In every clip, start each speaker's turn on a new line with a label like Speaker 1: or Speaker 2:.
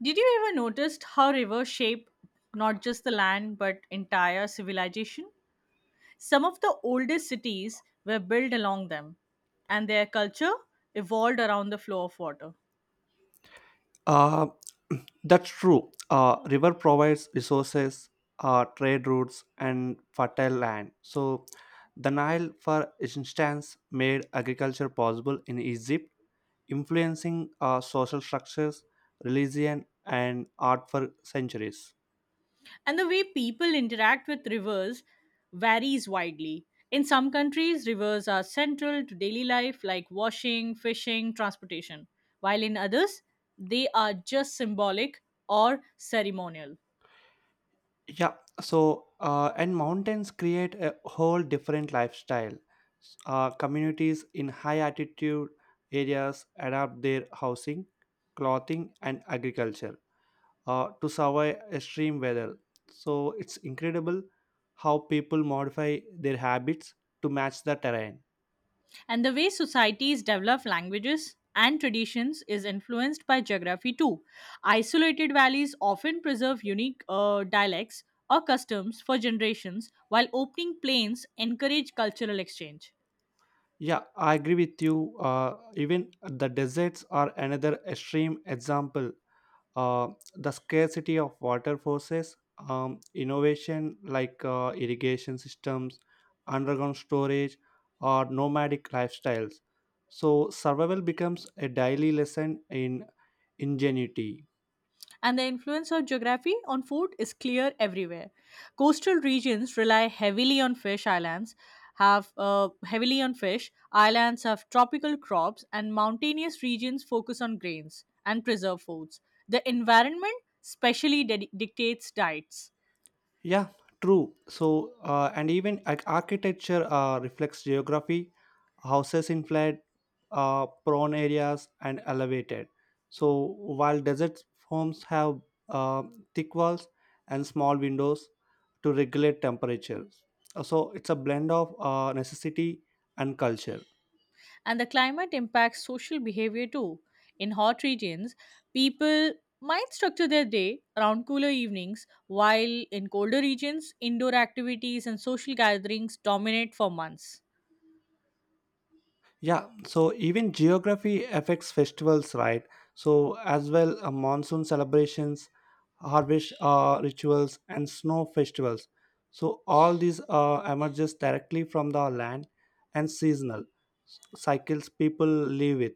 Speaker 1: Did you ever notice how rivers shape not just the land but entire civilization? Some of the oldest cities were built along them, and their culture evolved around the flow of water.
Speaker 2: Uh, that's true. River provides resources, trade routes, and fertile land. So, the Nile, for instance, made agriculture possible in Egypt, influencing social structures, religion, and art for centuries.
Speaker 1: And the way people interact with rivers varies widely. In some countries, rivers are central to daily life, like washing, fishing, transportation, while in others, they are just symbolic or ceremonial.
Speaker 2: Yeah. So, and mountains create a whole different lifestyle. Communities in high altitude areas adapt their housing, clothing, and agriculture to survive extreme weather. So it's incredible how people modify their habits to match the terrain.
Speaker 1: And the way societies develop languages and traditions is influenced by geography too. Isolated valleys often preserve unique dialects or customs for generations, while opening plains encourage cultural exchange.
Speaker 2: Yeah, I agree with you. Even the deserts are another extreme example. Uh, the scarcity of water forces innovation like irrigation systems, underground storage, or nomadic lifestyles. So survival becomes a daily lesson in ingenuity.
Speaker 1: And the influence of geography on food is clear everywhere. Coastal regions rely heavily on fish islands, have heavily on fish, islands have tropical crops, and mountainous regions focus on grains and preserved foods. The environment specially dictates diets.
Speaker 2: Yeah, true. So and even like, architecture reflects geography. Houses in flat, prone areas, and elevated. So while desert homes have uh, thick walls and small windows, to regulate temperatures. So it's a blend of necessity and culture.
Speaker 1: And the climate impacts social behavior too. In hot regions, people might structure their day around cooler evenings, while in colder regions, indoor activities and social gatherings dominate for months.
Speaker 2: Yeah, so even geography affects festivals, right? So as well, monsoon celebrations, harvest rituals, and snow festivals. So all these emerges directly from the land and seasonal cycles people live with.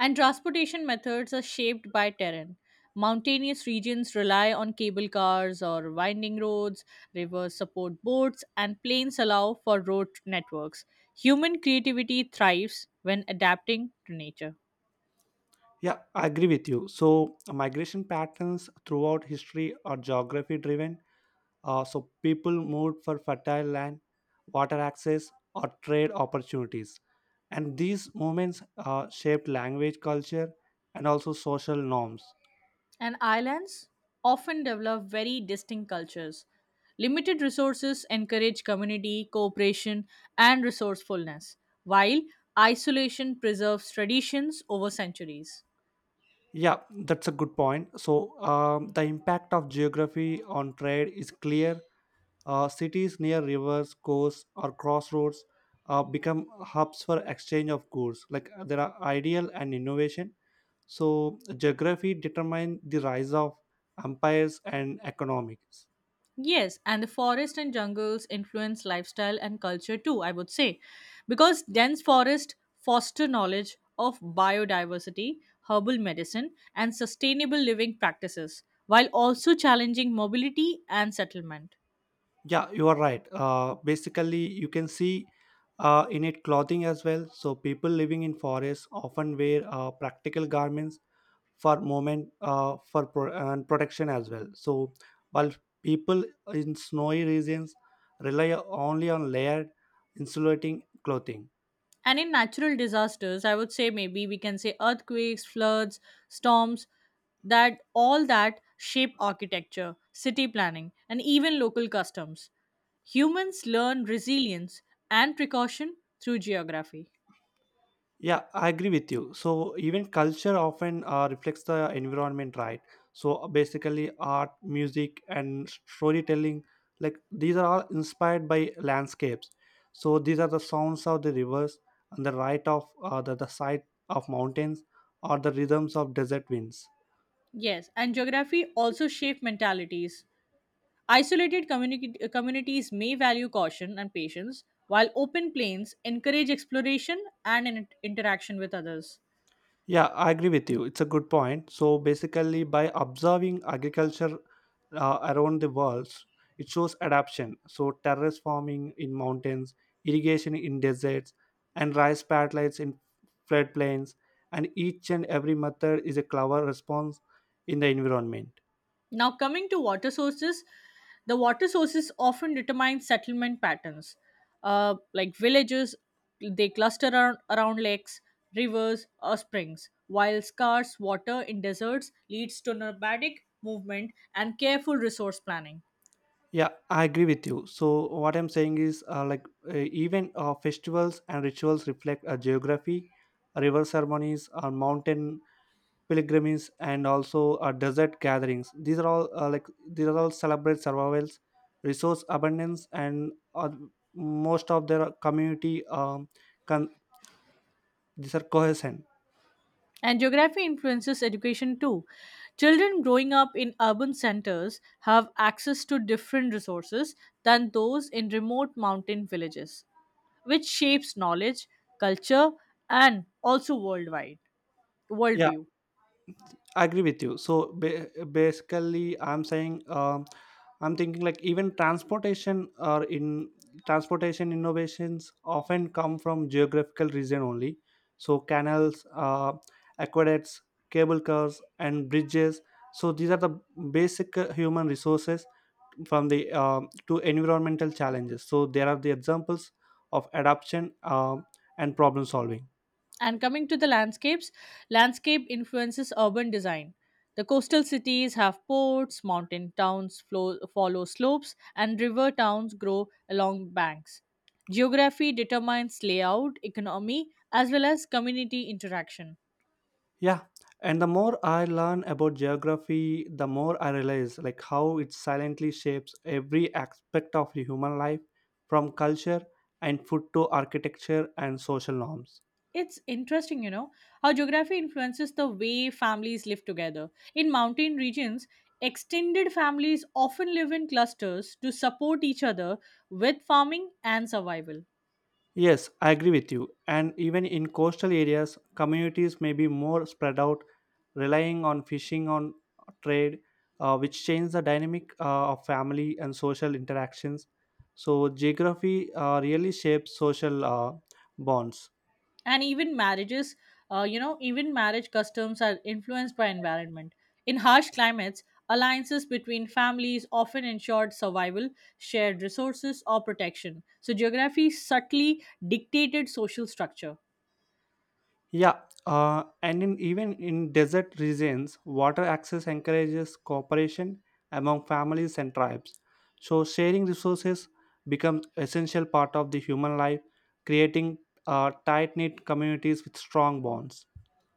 Speaker 1: And transportation methods are shaped by terrain. Mountainous regions rely on cable cars or winding roads, rivers support boats, and plains allow for road networks. Human creativity thrives when adapting to nature.
Speaker 2: Yeah, I agree with you. So migration patterns throughout history are geography driven. So people moved for fertile land, water access, or trade opportunities. And these movements shaped language, culture, and also social norms.
Speaker 1: And islands often develop very distinct cultures. Limited resources encourage community, cooperation, and resourcefulness, while isolation preserves traditions over centuries.
Speaker 2: Yeah, that's a good point. So the impact of geography on trade is clear. Cities near rivers, coasts, or crossroads become hubs for exchange of goods. Like there are ideal and innovation. So geography determined the rise of empires and economics.
Speaker 1: Yes, and the forest and jungles influence lifestyle and culture too, I would say, because dense forest foster knowledge of biodiversity, herbal medicine, and sustainable living practices, while also challenging mobility and settlement.
Speaker 2: Yeah, you are right. Basically, you can see in it clothing as well. So people living in forests often wear practical garments for moment for pro- and protection as well. So while people in snowy regions rely only on layered insulating clothing.
Speaker 1: And in natural disasters, I would say maybe we can say earthquakes, floods, storms, that all that shape architecture, city planning, and even local customs. Humans learn resilience and precaution through geography.
Speaker 2: Yeah, I agree with you. So even culture often reflects the environment, right? So basically, art, music, and storytelling, like these are all inspired by landscapes. So these are the sounds of the rivers and the right of the sight of mountains or the rhythms of desert winds.
Speaker 1: Yes, and geography also shape mentalities. Isolated communities may value caution and patience, while open plains encourage exploration and interaction with others.
Speaker 2: Yeah, I agree with you. It's a good point. So basically, by observing agriculture around the world, it shows adaptation. So terrace farming in mountains, irrigation in deserts, and rice padlets in floodplains, and each and every method is a clever response in the environment.
Speaker 1: Now, coming to water sources, the water sources often determine settlement patterns. Like villages, they cluster around, around lakes, rivers, or springs, while scarce water in deserts leads to nomadic movement and careful resource planning.
Speaker 2: Yeah, I agree with you. So what I'm saying is, even festivals and rituals reflect a geography, river ceremonies, or mountain pilgrimages and also desert gatherings. These are all these are all celebrate survivals, resource abundance, and most of their community con- these are cohesion.
Speaker 1: And geography influences education too. Children growing up in urban centers have access to different resources than those in remote mountain villages, which shapes knowledge, culture, and also worldwide
Speaker 2: Yeah,
Speaker 1: worldview.
Speaker 2: I agree with you. So basically, I'm saying I'm thinking like even transportation or in transportation innovations often come from geographical region only. So canals, aqueducts, cable cars, and bridges. So these are the basic human resources from the to environmental challenges. So there are the examples of adaptation and problem solving.
Speaker 1: And coming to the landscapes, landscape influences urban design. The coastal cities have ports, mountain towns follow slopes, and river towns grow along banks. Geography determines layout, economy, as well as community interaction.
Speaker 2: Yeah, and the more I learn about geography, the more I realize like how it silently shapes every aspect of the human life, from culture and food to architecture and social norms.
Speaker 1: It's interesting, you know, how geography influences the way families live together. In mountain regions, extended families often live in clusters to support each other with farming and survival.
Speaker 2: Yes, I agree with you. And even in coastal areas, communities may be more spread out, relying on fishing on trade, which change the dynamic of family and social interactions. So geography really shapes social bonds.
Speaker 1: And even marriages, you know, even marriage customs are influenced by environment. In harsh climates, alliances between families often ensured survival, shared resources, or protection. So geography subtly dictated social structure.
Speaker 2: Yeah, and even in desert regions, water access encourages cooperation among families and tribes. So, sharing resources becomes essential part of the human life, creating tight knit communities with strong bonds.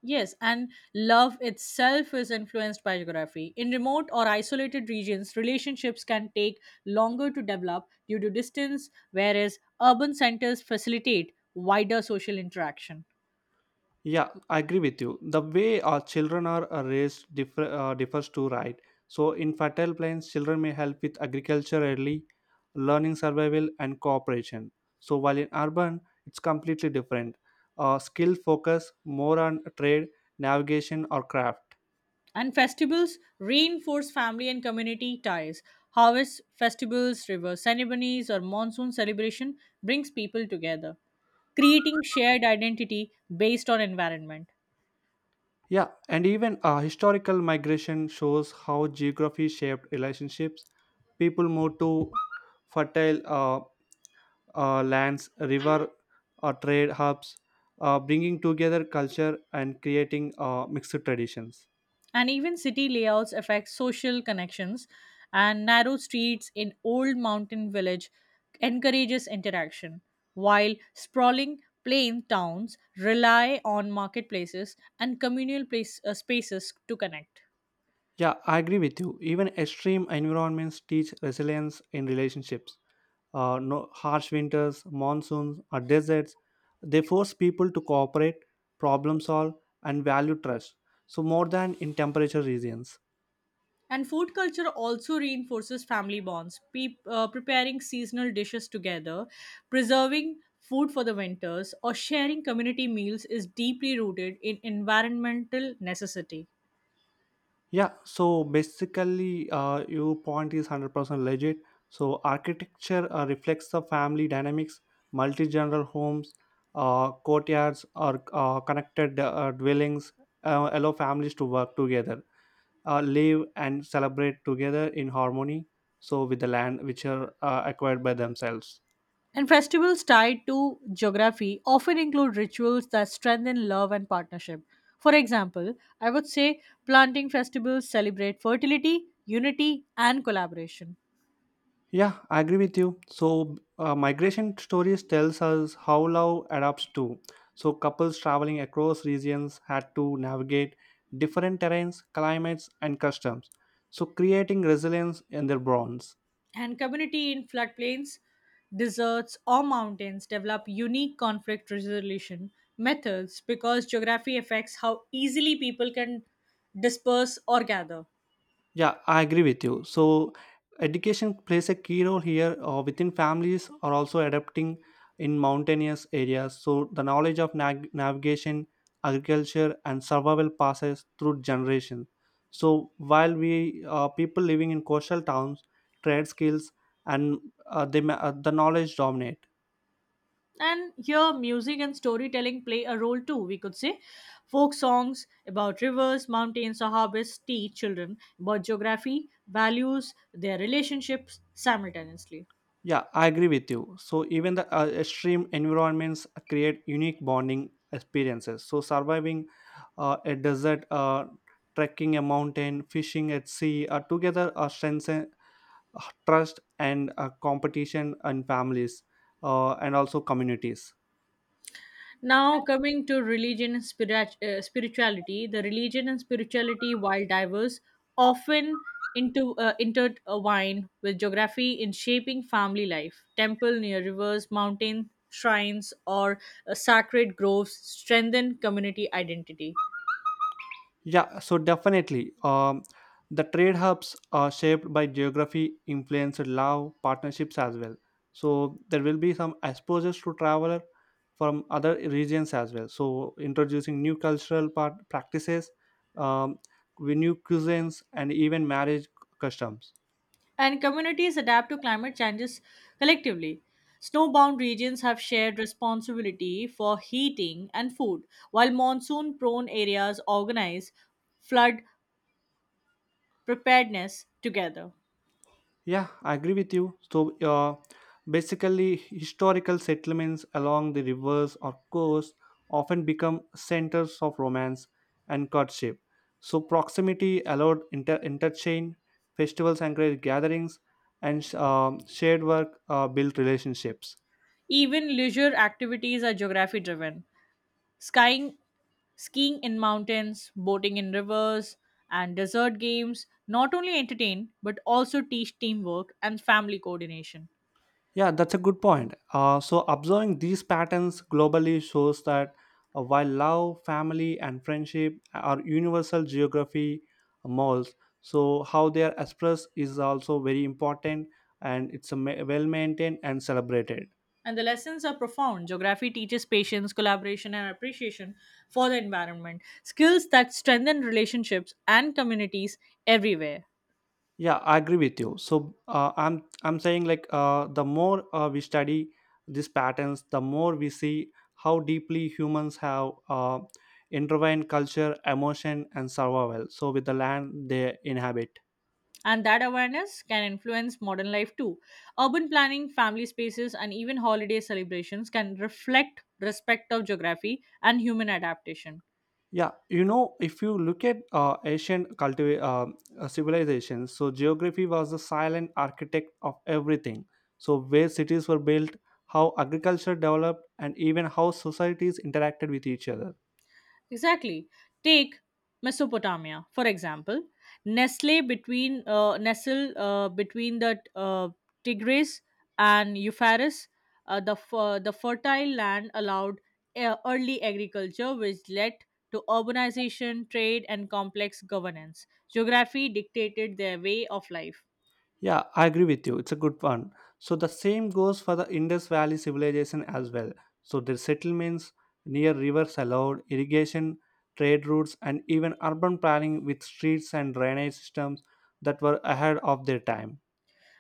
Speaker 1: Yes, and love itself is influenced by geography. In remote or isolated regions, relationships can take longer to develop due to distance, whereas urban centers facilitate wider social interaction.
Speaker 2: Yeah, I agree with you. The way our children are raised differs too, right? So, in fertile plains, children may help with agriculture early, learning survival, and cooperation. So, while in urban, it's completely different. Skill focus more on trade, navigation, or craft.
Speaker 1: And festivals reinforce family and community ties. Harvest festivals, river ceremonies, or monsoon celebration brings people together, creating shared identity based on environment.
Speaker 2: Yeah, and even historical migration shows how geography shaped relationships. People move to fertile lands, river, trade hubs, bringing together culture and creating mixed traditions.
Speaker 1: And even city layouts affect social connections, and narrow streets in old mountain village encourages interaction, while sprawling plain towns rely on marketplaces and communal spaces to connect.
Speaker 2: Yeah, I agree with you. Even extreme environments teach resilience in relationships. No, harsh winters, monsoons, or deserts, they force people to cooperate, problem solve, and value trust. So more than in temperature regions.
Speaker 1: And food culture also reinforces family bonds. Preparing seasonal dishes together, preserving food for the winters or sharing community meals is deeply rooted in environmental necessity.
Speaker 2: Yeah, so basically, your point is 100% legit. So, architecture reflects the family dynamics, multi generational homes, courtyards, or connected dwellings allow families to work together, live, and celebrate together in harmony. So, with the land which are acquired by themselves.
Speaker 1: And festivals tied to geography often include rituals that strengthen love and partnership. For example, I would say planting festivals celebrate fertility, unity, and collaboration.
Speaker 2: Yeah, I agree with you. So, migration stories tells us how love adapts to. So, couples traveling across regions had to navigate different terrains, climates, and customs. So, creating resilience in their bonds.
Speaker 1: And community in floodplains, deserts, or mountains develop unique conflict resolution methods because geography affects how easily people can disperse or gather.
Speaker 2: Yeah, I agree with you. So, education plays a key role here. Within families are also adapting in mountainous areas. So, the knowledge of navigation, agriculture, and survival passes through generations. So, while we people living in coastal towns trade skills and the knowledge dominate.
Speaker 1: And here, music and storytelling play a role too, we could say. Folk songs about rivers, mountains, or harvests teach children about geography, values, their relationships simultaneously.
Speaker 2: Yeah, I agree with you. So even the extreme environments create unique bonding experiences. So surviving a desert, trekking a mountain, fishing at sea, together strengthen trust and competition and families and also communities.
Speaker 1: Now, coming to religion and spirit- spirituality, the religion and spirituality, while diverse, often into intertwine with geography in shaping family life. Temple near rivers, mountain shrines, or sacred groves strengthen community identity.
Speaker 2: Yeah, so definitely. The trade hubs are shaped by geography, influence, love, partnerships as well. So there will be some exposures to traveler from other regions as well. So introducing new cultural part practices, um, with new cuisines, and even marriage customs.
Speaker 1: And communities adapt to climate changes collectively. Snowbound regions have shared responsibility for heating and food, while monsoon prone areas organize flood preparedness together.
Speaker 2: Yeah, I agree with you. So, basically, historical settlements along the rivers or coast often become centers of romance and courtship. So, proximity allowed interchange, festivals encouraged gatherings, and shared work built relationships.
Speaker 1: Even leisure activities are geography driven. Skying, Skiing in mountains, boating in rivers, and desert games not only entertain but also teach teamwork and family coordination.
Speaker 2: Yeah, that's a good point. So, observing these patterns globally shows that while love, family, and friendship are universal geography molds, so how they are expressed is also very important and it's a well maintained and celebrated.
Speaker 1: And the lessons are profound. Geography teaches patience, collaboration, and appreciation for the environment, skills that strengthen relationships and communities everywhere.
Speaker 2: Yeah, I agree with you. So I'm saying like the more we study these patterns, the more we see how deeply humans have intertwined culture, emotion, and survival. So with the land they inhabit.
Speaker 1: And that awareness can influence modern life too. Urban planning, family spaces, and even holiday celebrations can reflect respect of geography and human adaptation.
Speaker 2: Yeah, you know, if you look at ancient cultiva- civilizations, so geography was the silent architect of everything. So where cities were built, how agriculture developed, and even how societies interacted with each other.
Speaker 1: Exactly. Take Mesopotamia, for example, nestle between the Tigris and Euphrates. The fertile land allowed early agriculture, which led to urbanization, trade, and complex governance. Geography dictated their way of life.
Speaker 2: Yeah, I agree with you. It's a good one. So the same goes for the Indus Valley civilization as well. So their settlements near rivers allowed irrigation, trade routes, and even urban planning with streets and drainage systems that were ahead of their time.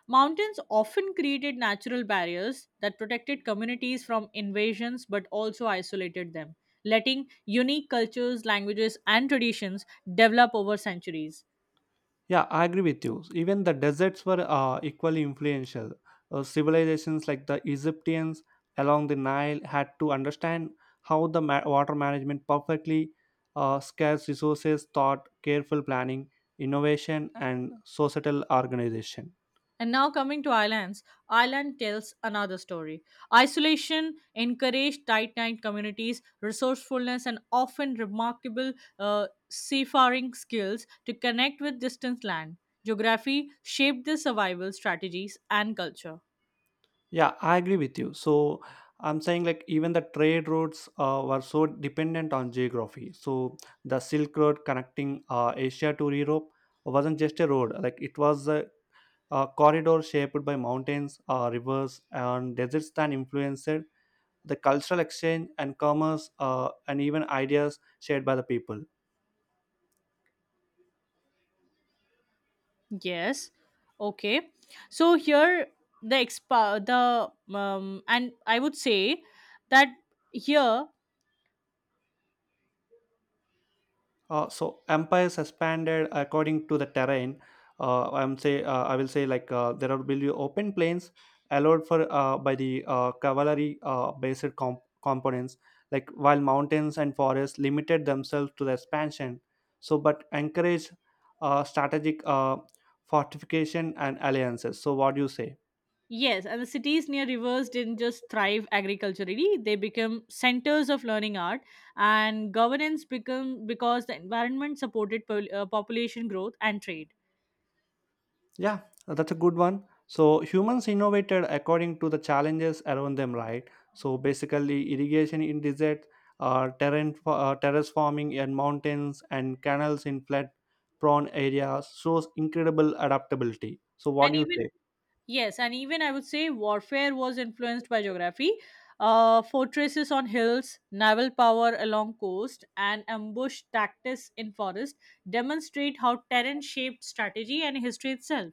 Speaker 1: Mountains often created natural barriers that protected communities from invasions but also isolated them, letting unique cultures, languages, and traditions develop over centuries.
Speaker 2: Yeah, I agree with you. Even the deserts were equally influential. Civilizations like the Egyptians along the Nile had to understand how the water management perfectly scarce resources thought careful planning, innovation, and societal organization.
Speaker 1: And now, coming to islands, island tells another story. Isolation encouraged tight knit communities, resourcefulness, and often remarkable seafaring skills to connect with distant land. Geography shaped their survival strategies and culture.
Speaker 2: Yeah, I agree with you. So I'm saying like even the trade routes were so dependent on geography. So the Silk Road connecting Asia to Europe wasn't just a road; like it was a corridor shaped by mountains, rivers, and deserts that influenced the cultural exchange and commerce and even ideas shared by the people.
Speaker 1: Yes. Okay. So here, the expa the and I would say that here.
Speaker 2: So empires expanded according to the terrain. I will say like there will be open plains allowed for by the cavalry based components. Like while mountains and forests limited themselves to the expansion, so but encourage strategic fortification and alliances. So what do you say?
Speaker 1: Yes, and the cities near rivers didn't just thrive agriculturally, they become centers of learning, art, and governance become because the environment supported population growth and trade.
Speaker 2: Yeah, that's a good one. So humans innovated according to the challenges around them, right? So basically, irrigation in desert, terrace farming in mountains, and canals in flood-prone areas shows incredible adaptability. So what
Speaker 1: And
Speaker 2: do you
Speaker 1: even
Speaker 2: say?
Speaker 1: Yes, and even I would say warfare was influenced by geography. Fortresses on hills, naval power along coast, and ambush tactics in forest demonstrate how terrain shaped strategy and history itself.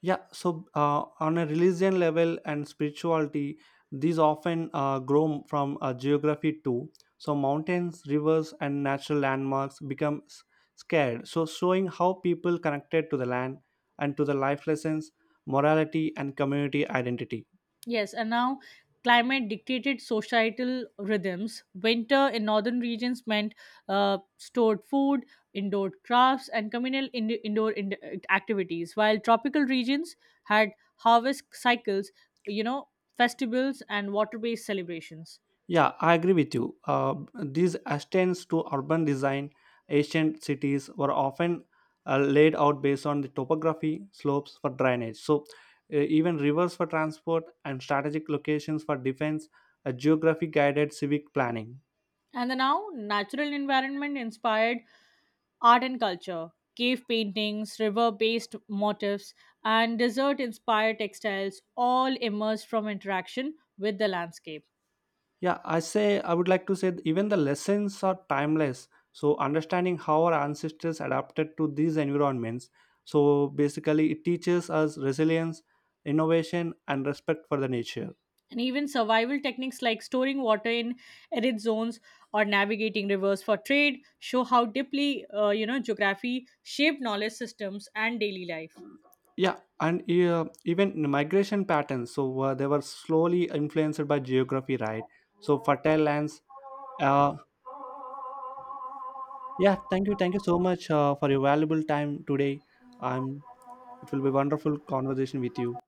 Speaker 2: Yeah, so on a religion level and spirituality, these often grow from geography too. So mountains, rivers, and natural landmarks become scared. So showing how people connected to the land and to the life lessons, morality, and community identity.
Speaker 1: Yes, and now climate dictated societal rhythms. Winter in northern regions meant stored food, indoor crafts, and communal activities, while tropical regions had harvest cycles, you know, festivals, and water based celebrations.
Speaker 2: Yeah, I agree with you. These extends to urban design. Ancient cities were often laid out based on the topography, slopes for drainage. So, even rivers for transport and strategic locations for defense, a geography guided civic planning.
Speaker 1: And the now natural environment inspired art and culture. Cave paintings, river based motifs, and desert inspired textiles all emerged from interaction with the landscape.
Speaker 2: Yeah, I say I would like to say that even the lessons are timeless. So, understanding how our ancestors adapted to these environments. So, basically, it teaches us resilience, innovation, and respect for the nature.
Speaker 1: And even survival techniques like storing water in arid zones or navigating rivers for trade show how deeply geography shaped knowledge systems and daily life.
Speaker 2: Yeah, and even the migration patterns. So they were slowly influenced by geography, right? So fertile lands. Uh, yeah, thank you so much for your valuable time today. Um, it will be wonderful conversation with you.